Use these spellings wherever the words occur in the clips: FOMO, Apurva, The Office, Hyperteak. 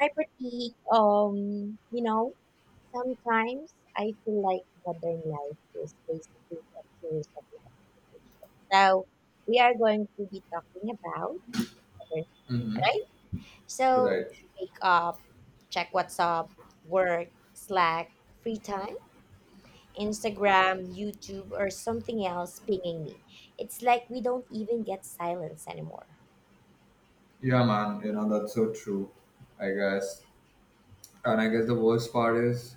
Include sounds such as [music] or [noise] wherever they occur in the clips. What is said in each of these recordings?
Hyperteak, sometimes I feel like modern life is basically a series of notifications. So we are going to be talking about modern life, Mm-hmm. right? So Right. you wake up, check what's up, work, Slack, free time, Instagram, YouTube, or something else pinging me. It's like we don't even get silence anymore. Yeah, man. That's so true, I guess. And I guess the worst part is,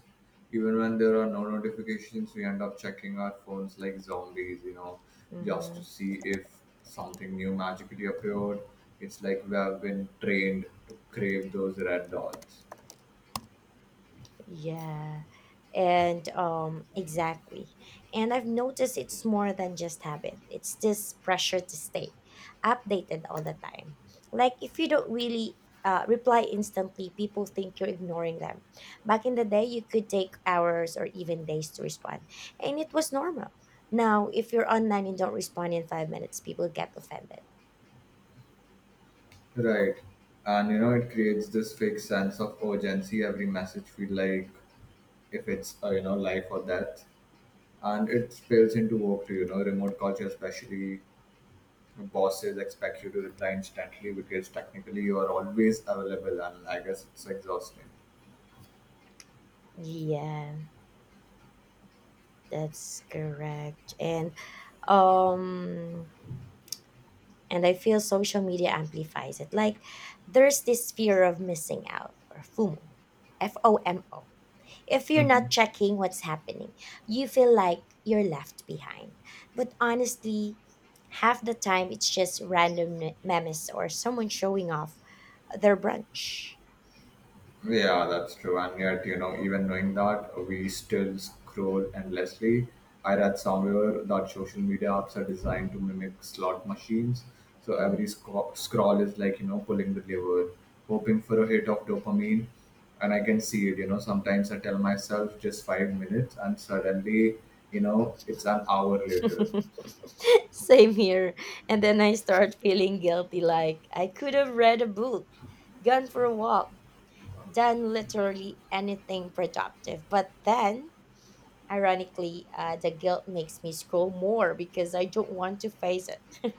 even when there are no notifications, we end up checking our phones like zombies, just to Mm-hmm. see if something new magically appeared. It's like we have been trained to crave those red dots. Yeah. And exactly. And I've noticed it's more than just habit. It's this pressure to stay updated all the time. Like if you don't really reply instantly, people think you're ignoring them. Back in the day, you could take hours or even days to respond, and it was normal. Now, if you're online and don't respond in 5 minutes, people get offended. Right. And, it creates this fake sense of urgency. Every message feel like if it's, life or death. And it spills into work too, remote culture especially bosses expect you to reply instantly because technically you are always available, and I guess it's exhausting. Yeah, that's correct. Um and I feel social media amplifies it. Like there's this fear of missing out or FOMO. F O M O. If you're not checking what's happening, you feel like you're left behind. But honestly, half the time it's just random memes or someone showing off their brunch. Yeah, that's true, and yet, even knowing that, we still scroll endlessly. I read somewhere that social media apps are designed to mimic slot machines, so every Mm. Scroll is like, pulling the lever, hoping for a hit of dopamine. And I can see it. Sometimes I tell myself just 5 minutes, and suddenly, it's an hour later. [laughs] Same here. And then I start feeling guilty like I could have read a book, gone for a walk, done literally anything productive. But then, ironically, the guilt makes me scroll more because I don't want to face it.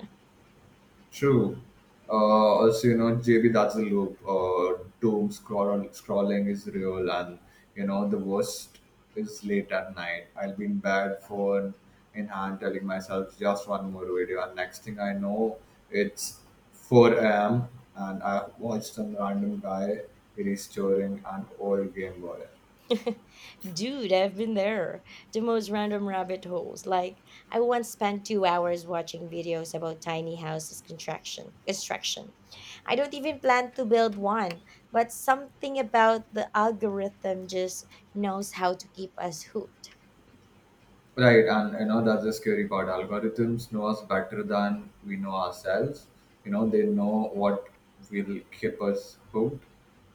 True. Also, JB, that's the loop. Doom scrolling is real, and, the worst is late at night. I'll be in bed, phone in hand, telling myself just one more video, and next thing I know, it's 4 a.m. and I watched some random guy restoring an old Game Boy. [laughs] Dude, I've been there. The most random rabbit holes. Like, I once spent 2 hours watching videos about tiny houses construction. Construction. I don't even plan to build one, but something about the algorithm just knows how to keep us hooked. Right, and that's the scary part. Algorithms know us better than we know ourselves. They know what will keep us hooked,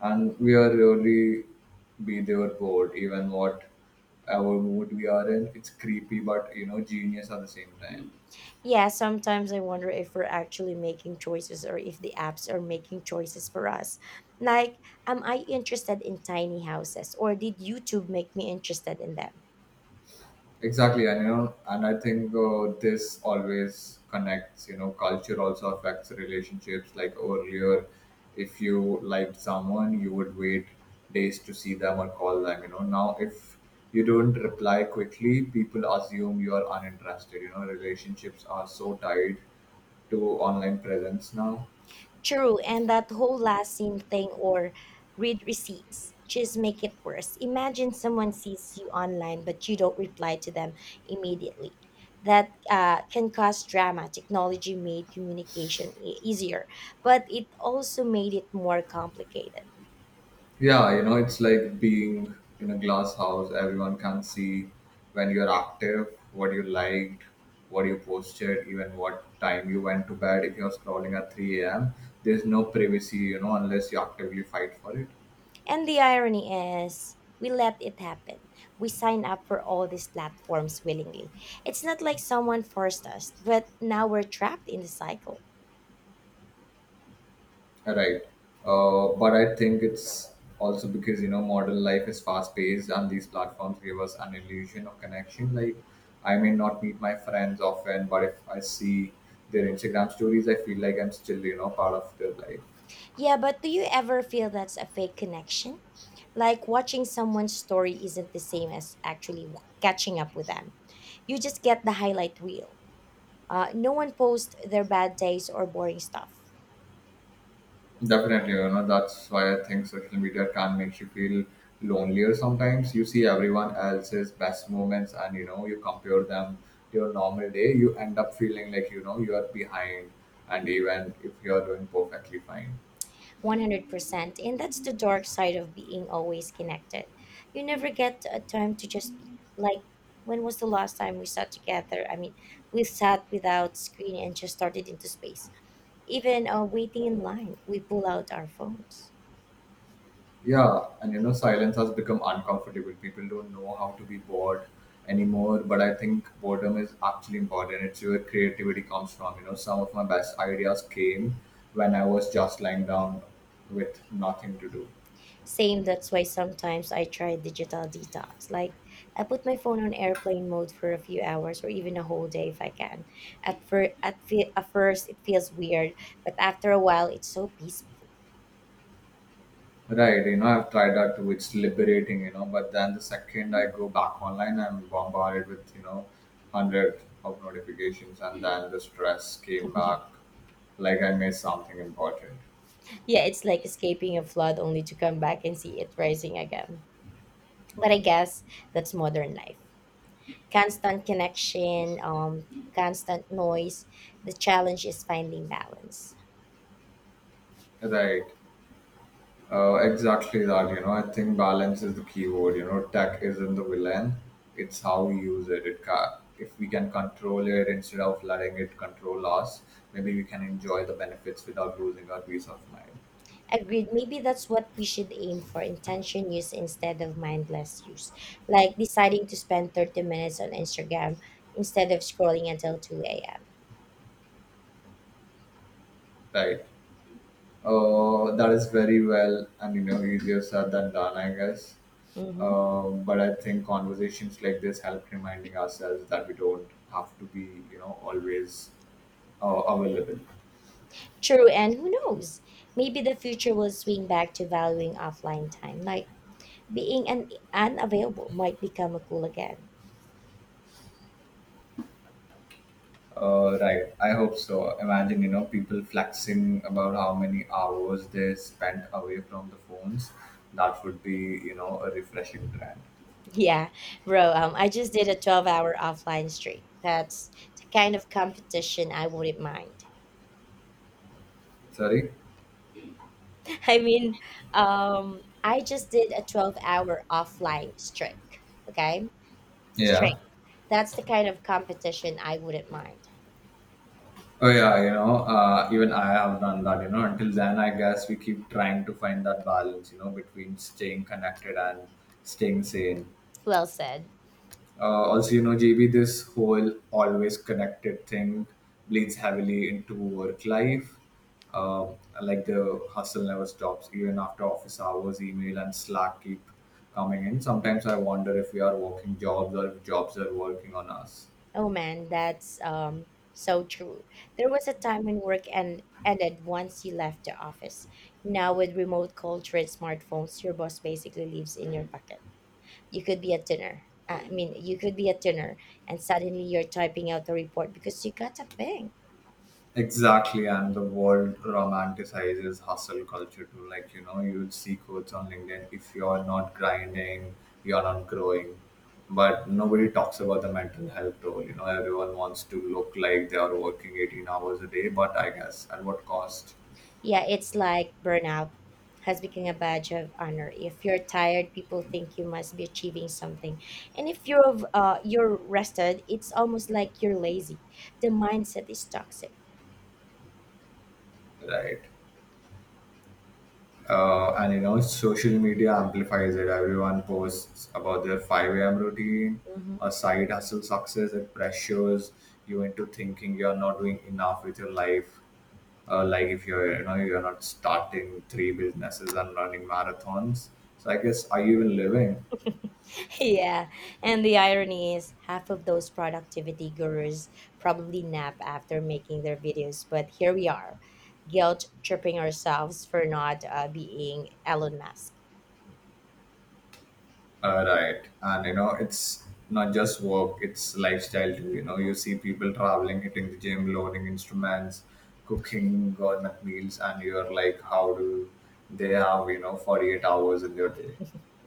and we are really be their bored. Even what our mood we are in, it's creepy, but genius at the same time. Yeah, sometimes I wonder if we're actually making choices or if the apps are making choices for us. Like, am I interested in tiny houses or did YouTube make me interested in them? Exactly, and, I think, this always connects. Culture also affects relationships. Like earlier, if you liked someone, you would wait days to see them or call them. Now if you don't reply quickly, people assume you are uninterested. Relationships are so tied to online presence now. True, and that whole last scene thing or read receipts just make it worse. Imagine someone sees you online but you don't reply to them immediately. That can cause drama. Technology made communication easier, but it also made it more complicated. Yeah, it's like being in a glass house. Everyone can see when you're active, what you liked, what you posted, even what time you went to bed. If you're scrolling at 3 a.m., there's no privacy, unless you actively fight for it. And the irony is, we let it happen. We sign up for all these platforms willingly. It's not like someone forced us, but now we're trapped in the cycle. Right. But I think it's also because, modern life is fast paced and these platforms give us an illusion of connection. Like, I may not meet my friends often, but if I see their Instagram stories, I feel like I'm still, part of their life. Yeah, but do you ever feel that's a fake connection? Like watching someone's story isn't the same as actually catching up with them. You just get the highlight reel. No one posts their bad days or boring stuff. Definitely, that's why I think social media can make you feel lonelier sometimes. You see everyone else's best moments, and, you compare them to your normal day, you end up feeling like, you are behind, and even if you are doing perfectly fine. 100%. And that's the dark side of being always connected. You never get a time to just be like, when was the last time we sat together? I mean, we sat without screen and just started into space. Even waiting in line, we pull out our phones. Yeah, and, silence has become uncomfortable. People don't know how to be bored anymore, but I think boredom is actually important. It's where creativity comes from. Some of my best ideas came when I was just lying down with nothing to do. Same, that's why sometimes I try digital detox. Like, I put my phone on airplane mode for a few hours or even a whole day if I can. At first, it feels weird, but after a while, it's so peaceful. Right, I've tried that too. It's liberating, but then the second I go back online, I'm bombarded with, hundred of notifications, and then the stress came back, [laughs] like I missed something important. Yeah, it's like escaping a flood only to come back and see it rising again. But I guess that's modern life. Constant connection, constant noise. The challenge is finding balance. Right, exactly that. I think balance is the key word. Tech isn't the villain; it's how we use it. It ca If we can control it instead of letting it control us, maybe we can enjoy the benefits without losing our peace of mind. Agreed. Maybe that's what we should aim for intention use instead of mindless use. Like deciding to spend 30 minutes on Instagram instead of scrolling until 2 a.m. Right. That is very well, and, easier said than done, I guess. Mhm. But I think conversations like this help reminding ourselves that we don't have to be, always, available. True, and who knows? Maybe the future will swing back to valuing offline time. Like being unavailable might become a cool again. [laughs] Right. I hope so. Imagine, people flexing about how many hours they spent away from the phones. That would be, a refreshing trend. Yeah, bro, I just did a 12-hour offline streak. That's the kind of competition I wouldn't mind. Sorry? [laughs] I mean, I just did a 12-hour offline streak. Okay? Yeah. Streak. That's the kind of competition I wouldn't mind. Oh yeah, even I have done that. Until then, I guess we keep trying to find that balance, between staying connected and staying sane. Well said. Also, JB, this whole always connected thing bleeds heavily into work life. Um, like the hustle never stops, even after office hours. Email and Slack keep coming in. Sometimes I wonder if we are working jobs or if jobs are working on us. Oh man, that's so true. There was a time when work and ended once you left the office. Now with remote culture and smartphones, your boss basically lives in your pocket. You could be at dinner. I mean, you could be at dinner and suddenly you're typing out a report because you got a ping. Exactly, and the world romanticizes hustle culture too. Like, you'd see quotes on LinkedIn: if you're not grinding, you're not growing. But nobody talks about the mental health role. Everyone wants to look like they are working 18 hours a day, but I guess at what cost, Yeah, it's like burnout has become a badge of honor. If you're tired, people think you must be achieving something. And if you're rested, it's almost like you're lazy. The mindset is toxic. right? And social media amplifies it. Everyone posts about their 5 a.m. routine, Mhm. a side hustle success. It pressures you into thinking you're not doing enough with your life, like if you're, you're not starting three businesses and running marathons, so I guess, are you even living? [laughs] Yeah, and the irony is half of those productivity gurus probably nap after making their videos, but here we are, guilt tripping ourselves for not being Elon Musk. Right, and, it's not just work, it's lifestyle too. You see people traveling, hitting the gym, loading instruments, cooking gourmet meals, and you're like, how do they have, 48 hours in their day?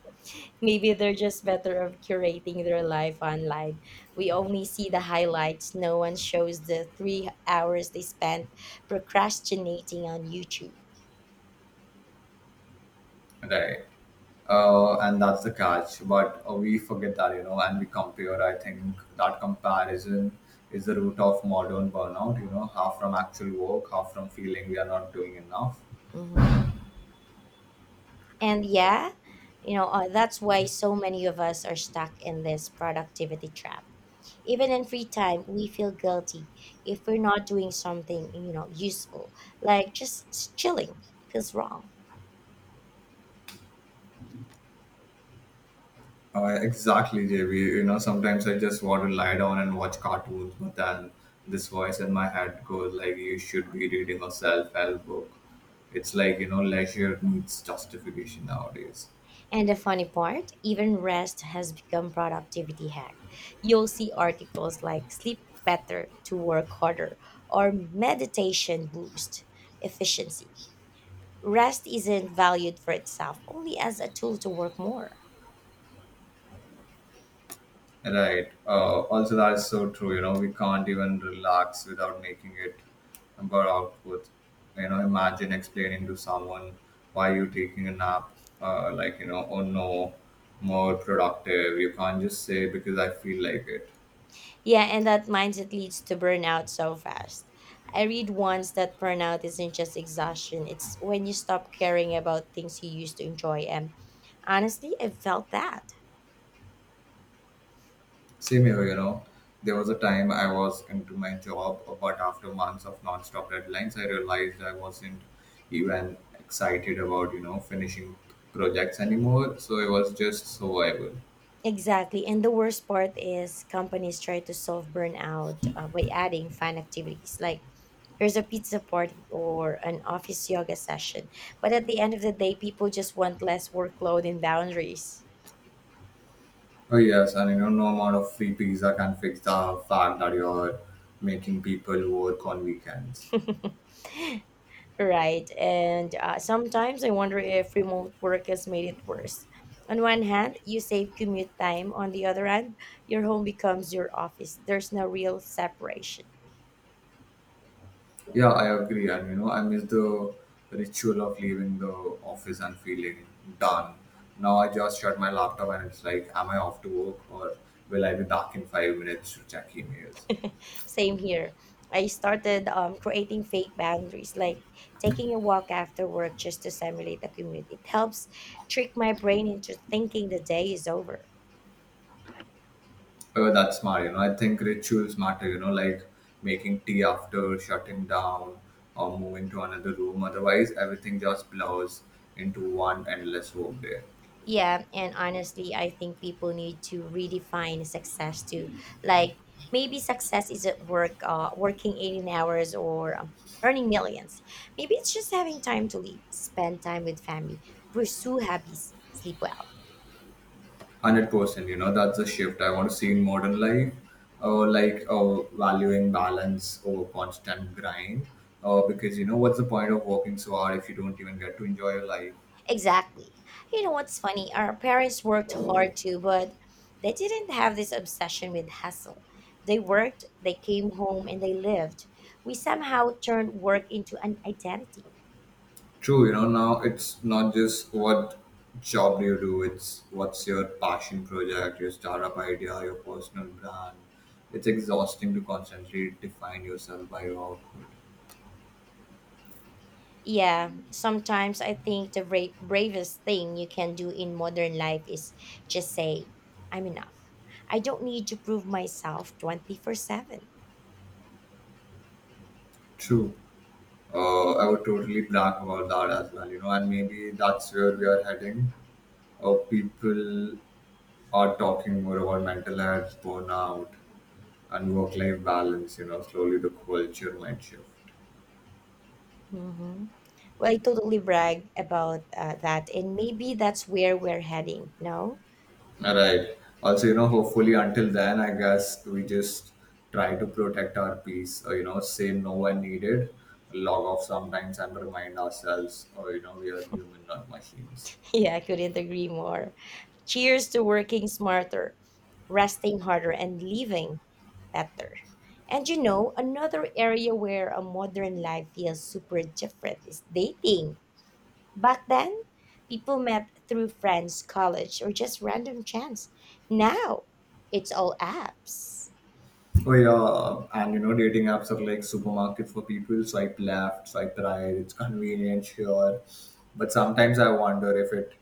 [laughs] Maybe they're just better of curating their life online. We only see the highlights. No one shows the 3 hours they spent procrastinating on YouTube. Right. And that's the catch. But, we forget that, and we compare. I think that comparison is the root of modern burnout, half from actual work, half from feeling we are not doing enough. Mhm. And yeah, that's why so many of us are stuck in this productivity trap. Even in free time, we feel guilty if we're not doing something, you know, useful, like just chilling feels wrong. Exactly, JB. Sometimes I just want to lie down and watch cartoons, but then this voice in my head goes like, you should be reading a self help book. It's like, leisure needs justification nowadays. And the funny part, even rest has become productivity hack. You'll see articles like sleep better to work harder or meditation boost efficiency. Rest isn't valued for itself, only as a tool to work more. Right. Also, that's so true. We can't even relax without making it about output. Imagine explaining to someone why you're taking a nap, like, oh no, more productive. You can't just say because I feel like it. Yeah, and that mindset leads to burnout so fast. I read once that burnout isn't just exhaustion, it's when you stop caring about things you used to enjoy. And honestly, I felt that. Same here, There was a time I was into my job, but after months of non-stop deadlines, I realized I wasn't even excited about, finishing projects anymore. So it was just survival. Exactly. And the worst part is companies try to solve burnout by adding fun activities like here's a pizza party or an office yoga session. But at the end of the day, people just want less workload and boundaries. Oh yes, and, no amount of free pizza can fix the fact that you're making people work on weekends. [laughs] Right. And sometimes I wonder if remote work has made it worse. On one hand, you save commute time. On the other hand, your home becomes your office. There's no real separation. Yeah, I agree, and, I miss the ritual of leaving the office and feeling done. Now I just shut my laptop and it's like, am I off to work or will I be back in 5 minutes to check emails? [laughs] Same here. I started creating fake boundaries, like taking a walk after work just to simulate a commute. It helps trick my brain into thinking the day is over. Oh, that's smart. I think rituals matter, like making tea after shutting down or moving to another room. Otherwise, everything just blurs into one endless workday. Yeah, and honestly, I think people need to redefine success too. Like maybe success isn't working 18 hours or earning millions. Maybe it's just having time to live, spend time with family, pursue hobbies, sleep well. 100%, that's a shift I want to see in modern life. Like valuing balance over constant grind. Because what's the point of working so hard if you don't even get to enjoy your life? Exactly. You know what's funny? Our parents worked hard too, but they didn't have this obsession with hustle. They worked, they came home, and they lived. We somehow turned work into an identity. True, now it's not just what job do you do, it's what's your passion project, your startup idea, your personal brand. It's exhausting to constantly define yourself by your output. Yeah, sometimes I think the bravest thing you can do in modern life is just say, I'm enough. I don't need to prove myself 24/7. True. I would totally brag about that as well, and maybe that's where we are heading. People are talking more about mental health, burnout, and work-life balance. Slowly the culture might shift. Mm-hmm. Well, I totally brag about that, and maybe that's where we're heading, no? All right. Also, hopefully until then, I guess we just try to protect our peace. Or, say no when needed, log off sometimes, and remind ourselves, or, we are human, not machines. Yeah, I couldn't agree more. Cheers to working smarter, resting harder, and living better. And you know, another area where a modern life feels super different is dating. Back then, people met through friends, college, or just random chance. Now, it's all apps. Oh yeah, and, dating apps are like supermarket for people. Swipe left, swipe right. It's convenient, sure, but sometimes I wonder if it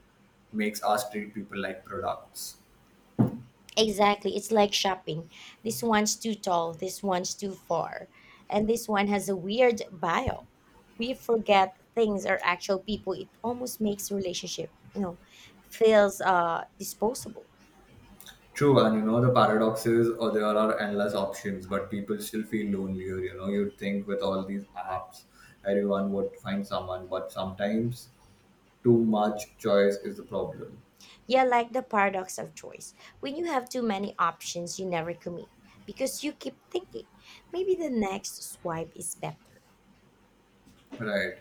makes us treat people like products. Exactly. It's like shopping. This one's too tall, this one's too far, and this one has a weird bio. We forget things are actual people. It almost makes relationship, you know, feels disposable. True, and the paradox is, oh, there are endless options, but people still feel lonelier. You'd think with all these apps, everyone would find someone, but sometimes too much choice is the problem, Yeah, like the paradox of choice. When you have too many options, you never commit because you keep thinking maybe the next swipe is better. right?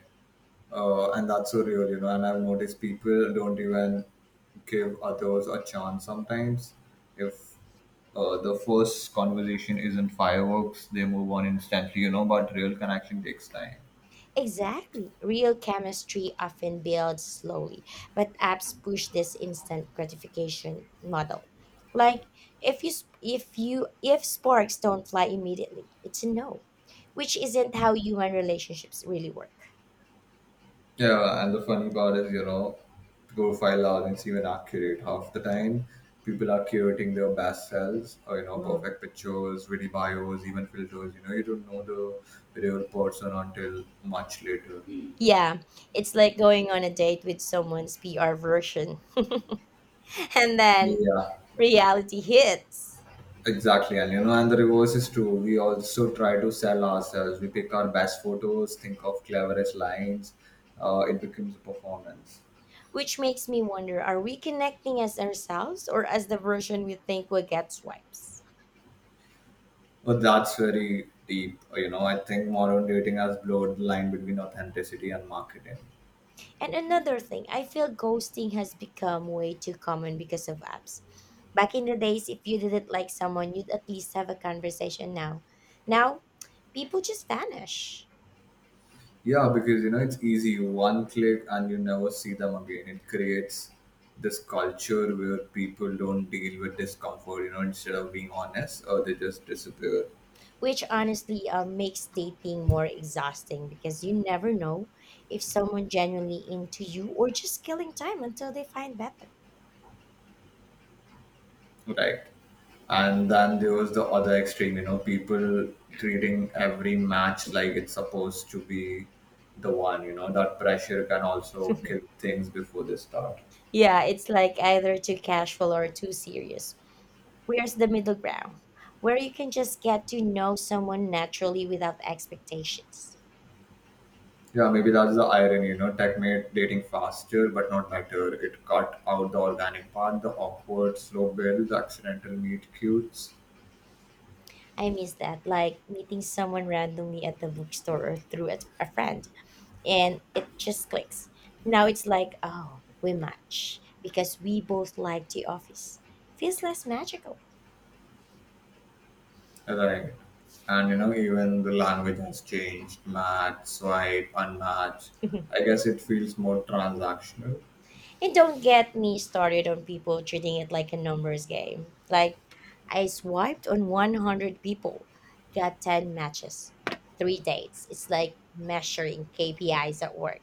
And that's so real, And I've noticed people don't even give others a chance sometimes. If the first conversation isn't fireworks, they move on instantly, But real connection takes time. Exactly. Real chemistry often builds slowly, but apps push this instant gratification model. Like if you sp- if you if sparks don't fly immediately, it's a no, which isn't how human relationships really work. Yeah, and the funny part is, profile aren't even accurate half the time. People are curating their best selves, or, Mm. perfect pictures, witty bios, even filters. You don't know the real person until much later. Yeah, it's like going on a date with someone's PR version [laughs] and then Yeah. reality hits. Exactly, and, the reverse is true. We also try to sell ourselves. We pick our best photos, think of cleverest lines. It becomes a performance. Which makes me wonder, are we connecting as ourselves or as the version we think will get swipes? But that's very deep. I think modern dating has blurred the line between authenticity and marketing. And another thing, I feel ghosting has become way too common because of apps. Back in the days, if you didn't like someone, you'd at least have a conversation now. Now, people just vanish, Yeah, because you know it's easy. One click, and you never see them again. It creates this culture where people don't deal with discomfort. You know, instead of being honest, or they just disappear. which honestly makes dating more exhausting because you never know if someone genuinely into you or just killing time until they find better. Right. And then there was the other extreme, you know, people treating every match like it's supposed to be the one, you know, that pressure can also kill things before they start. Yeah, it's like either too casual or too serious. Where's the middle ground? Where you can just get to know someone naturally without expectations. Yeah, maybe that's the irony, you know, tech made dating faster but not better. It cut out the organic part, the awkward slow builds, accidental meet cutes, I miss that, like meeting someone randomly at the bookstore or through a friend, and it just clicks. Now it's like, oh, we match because we both like The Office. Feels less magical. right? And you know, even the language has changed, match, swipe, unmatch. [laughs] And I guess it feels more transactional. don't get me started on people treating it like a numbers game. Like, I swiped on 100 people, got 10 matches, three dates. It's like measuring KPIs at work.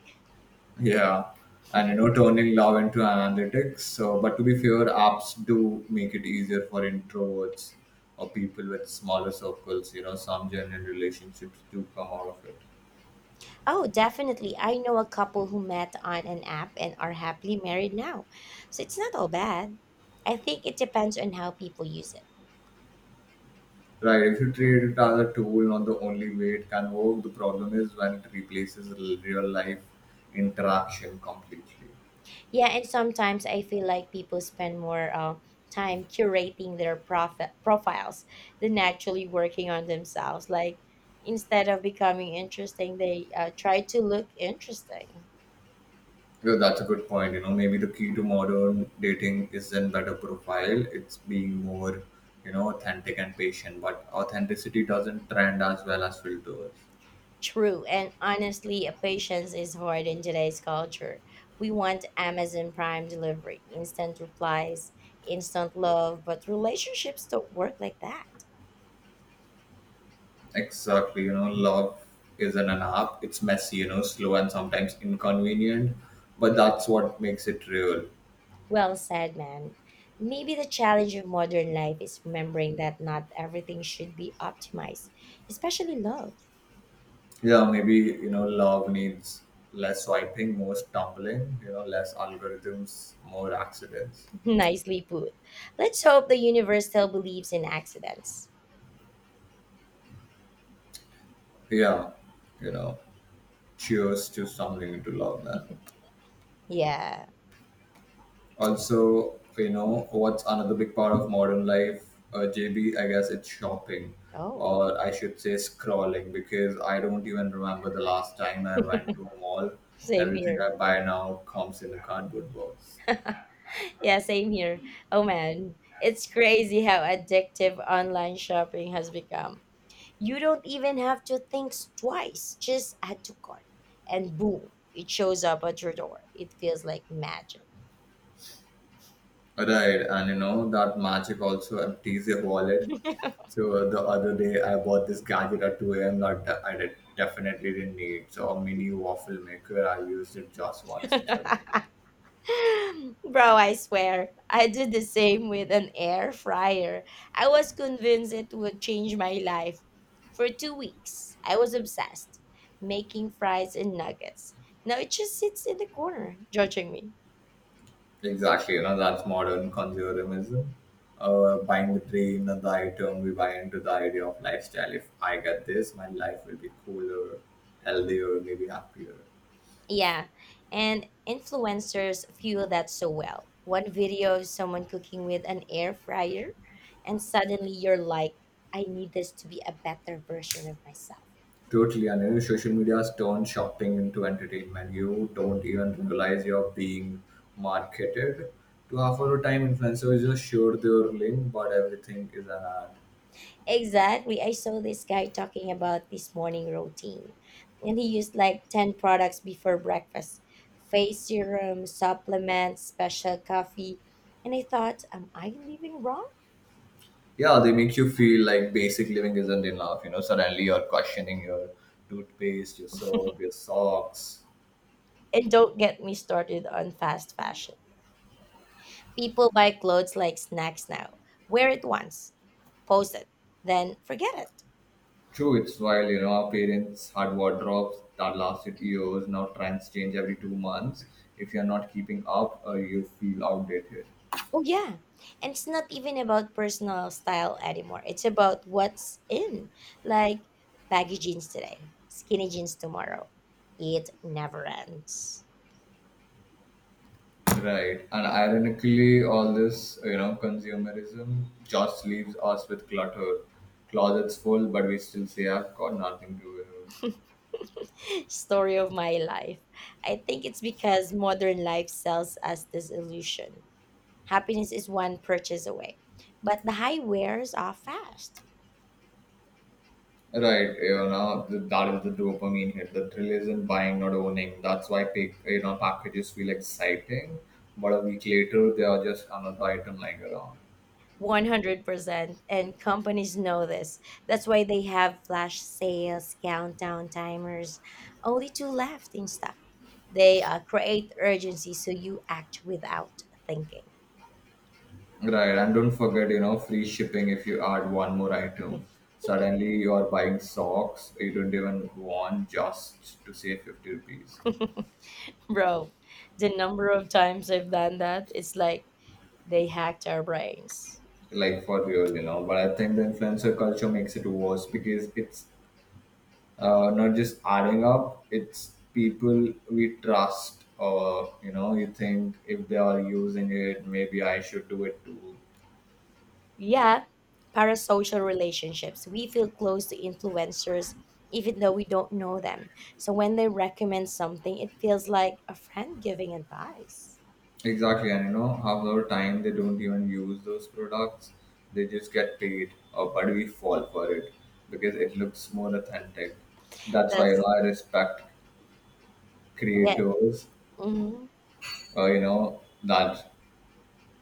Yeah, and you know, turning love into analytics. So, but to be fair, apps do make it easier for introverts or people with smaller circles. You know, some genuine relationships do come out of it. Oh, definitely. I know a couple who met on an app and are happily married now. So it's not all bad. I think it depends on how people use it. Right? If you treat it as a tool, not the only way it can work. The problem is when it replaces real life interaction completely. Yeah, and sometimes I feel like people spend more time curating their profiles than actually working on themselves. Like instead of becoming interesting, they try to look interesting. Well, that's a good point. You know, maybe the key to modern dating isn't better profile, it's being more, you know, authentic and patient. But authenticity doesn't trend as well as filters. True, and honestly, patience is hard in today's culture. We want Amazon Prime delivery, instant replies, instant love, but relationships don't work like that. Exactly. You know, love isn't an app, it's messy, you know, slow and sometimes inconvenient. But that's what makes it real. Well said, man. Maybe the challenge of modern life is remembering that not everything should be optimized, especially love. Yeah, maybe, you know, love needs less swiping, more stumbling, you know, less algorithms, more accidents. [laughs] Nicely put. Let's hope the universe still believes in accidents. Yeah, you know, cheers to stumbling into love, man. Yeah. Also, you know what's another big part of modern life? JB, I guess it's shopping, Oh, or I should say scrolling, because I don't even remember the last time I went to a mall. same Everything I here. buy now comes in a cardboard box. Yeah, same here. Oh man, it's crazy how addictive online shopping has become. You don't even have to think twice, just add to cart, and boom, it shows up at your door. It feels like magic. Right, and you know that magic also empties your wallet. So the other day I bought this gadget at 2 a.m. that I definitely didn't need. So a mini waffle maker, I used it just once [laughs] since I bought it. Bro, I swear, I did the same with an air fryer. I was convinced it would change my life. For 2 weeks, I was obsessed, making fries and nuggets. Now it just sits in the corner, judging me. Exactly, you know, that's modern consumerism. Buying the dream, and the item, we buy into the idea of lifestyle. If I get this, my life will be cooler, healthier, maybe happier. Yeah, and influencers fuel that so well. One video of someone cooking with an air fryer, and suddenly you're like, I need this to be a better version of myself. Totally, and you know, social media has turned shopping into entertainment. You don't even realize you're being marketed to half of the time. Influencers just share their link, but everything is an ad. Exactly. I saw this guy talking about this morning routine, and he used like 10 products before breakfast: face serum, supplements, special coffee. And I thought, am I living wrong? Yeah, they make you feel like basic living isn't enough. You know, suddenly you're questioning your toothpaste, your soap, your socks. And don't get me started on fast fashion. People buy clothes like snacks now. Wear it once, post it, then forget it. True, it's while you know our parents had wardrobes that lasted years. Now trends change every 2 months. If you're not keeping up, you feel outdated. Oh, yeah. And it's not even about personal style anymore. It's about what's in, like baggy jeans today, skinny jeans tomorrow. It never ends. Right, and ironically all this, you know, consumerism just leaves us with clutter. Closets full, but we still say I've got nothing to wear. [laughs] Story of my life. I think it's because modern life sells us this illusion. Happiness is one purchase away, but the high wears off fast. Right, you know, that is the dopamine hit. The thrill isn't buying, not owning. That's why pick, you know, packages feel exciting, but a week later they are just another item lying around. 100% and companies know this. That's why they have flash sales, countdown timers, only two left in stock. They create urgency so you act without thinking. Right, and don't forget, you know, free shipping if you add one more item. Suddenly you are buying socks you don't even want just to save 50 rupees. [laughs] Bro, the number of times I've done that, it's like they hacked our brains. Like for real, you know. But I think the influencer culture makes it worse because it's not just adding up. It's people we trust, or you know, you think if they are using it, maybe I should do it too. Yeah, parasocial relationships. We feel close to influencers even though we don't know them. So when they recommend something, it feels like a friend giving advice. Exactly, and you know, half the time they don't even use those products. They just get paid, but we fall for it because it looks more authentic. That's why, you know, That's I respect yeah. creators Hmm. You know that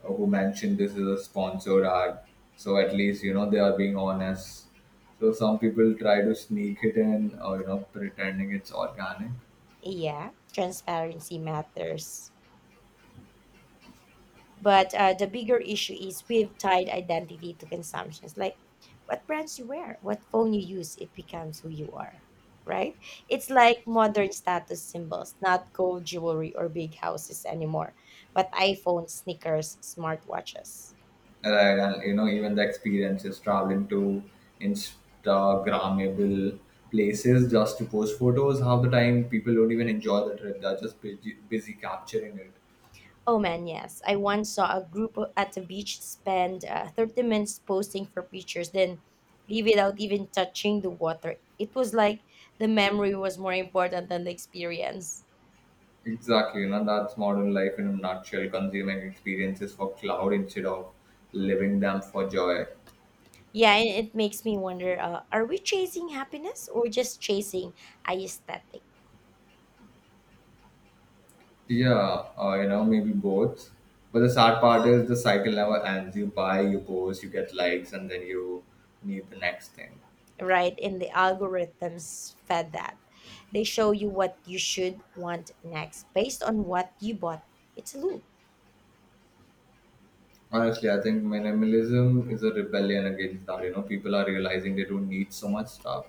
who mentioned this is a sponsored ad. So at least you know they are being honest. So some people try to sneak it in, or you know, pretending it's organic. Yeah, transparency matters. But the bigger issue is we've tied identity to consumptions. Like what brands you wear, what phone you use, it becomes who you are, right? It's like modern status symbols, not gold jewelry or big houses anymore, but iPhone, sneakers, smartwatches. Right, and you know, even the experiences traveling to Instagrammable places just to post photos. Half the time, people don't even enjoy the trip; they're just busy, busy capturing it. Oh man, yes. I once saw a group at the beach spend 30 minutes posing for pictures, then leave without even touching the water. It was like the memory was more important than the experience. Exactly, you know, that's modern life in a nutshell. Consuming experiences for cloud instead of living them for joy. Yeah, and it makes me wonder, are we chasing happiness or just chasing aesthetic, Yeah, you know, maybe both. But the sad part is the cycle never ends. You buy, you post, you get likes, and then you need the next thing. right? And the algorithms fed that. They show you what you should want next based on what you bought. It's a loop. Honestly, I think minimalism is a rebellion against that. You know, people are realizing they don't need so much stuff.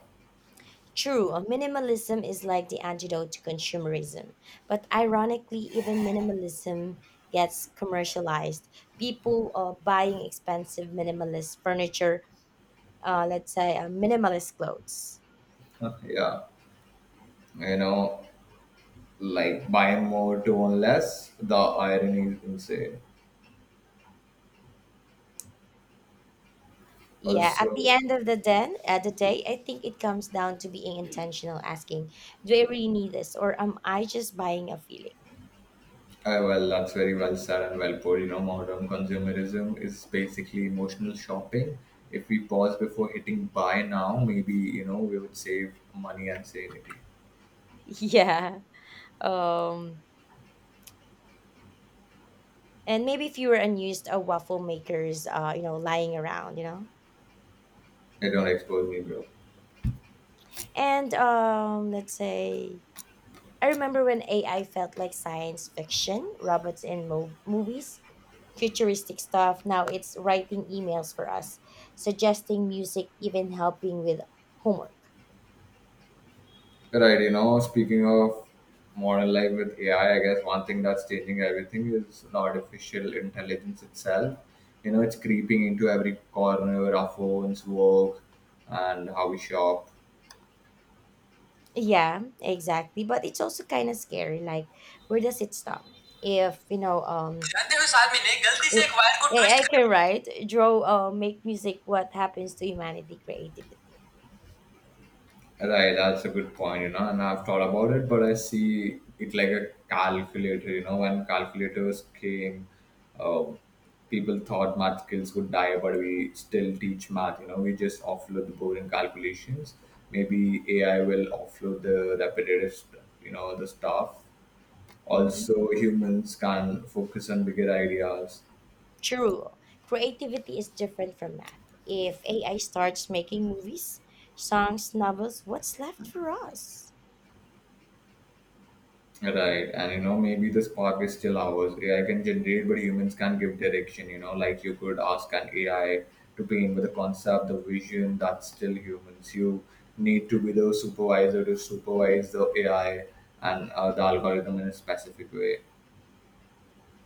True, minimalism is like the antidote to consumerism. But ironically, even minimalism gets commercialized. People are buying expensive minimalist furniture, let's say minimalist clothes. Huh, yeah, you know, like buying more to own less. The irony is insane. Yeah, at Also, the end of the den, at the day, I think it comes down to being intentional, asking, "Do I really need this, or am I just buying a feeling?" [laughs] Well, that's very well said and well put. You know, modern consumerism is basically emotional shopping. If we pause before hitting buy now, maybe, you know, we would save money and sanity. Yeah. Um, and maybe if you were unused waffle makers, lying around, They don't expose me, bro. And let's say I remember when AI felt like science fiction, robots in movies, futuristic stuff. Now it's writing emails for us, suggesting music, even helping with homework. Right, you know, speaking of modern life with AI, I guess one thing that's changing everything is artificial intelligence itself. You know, it's creeping into every corner of our phones, work, and how we shop. Yeah, exactly. But it's also kind of scary. Like, where does it stop? If, you know, जानते हो साहब मैंने गलती से a- एक wire को twist AI कर. can write, draw, make music. What happens to humanity creativity? Right, that's a good point, you know, and I've thought about it, but I see it like a calculator. You know, when calculators came, um, people thought math skills would die, but we still teach math. You know, we just offload the boring calculations. Maybe AI will offload the repetitive stuff, you know, the stuff. Mhm. Also, humans can focus on bigger ideas. True, creativity is different from math. If AI starts making movies, songs, novels, what's left for us? Right, and you know, maybe the spark is still ours. AI can generate, but humans can give direction, you know, like you could ask an AI to paint with the concept, the vision, that's still humans. You need to be the supervisor to supervise the AI and the algorithm in a specific way.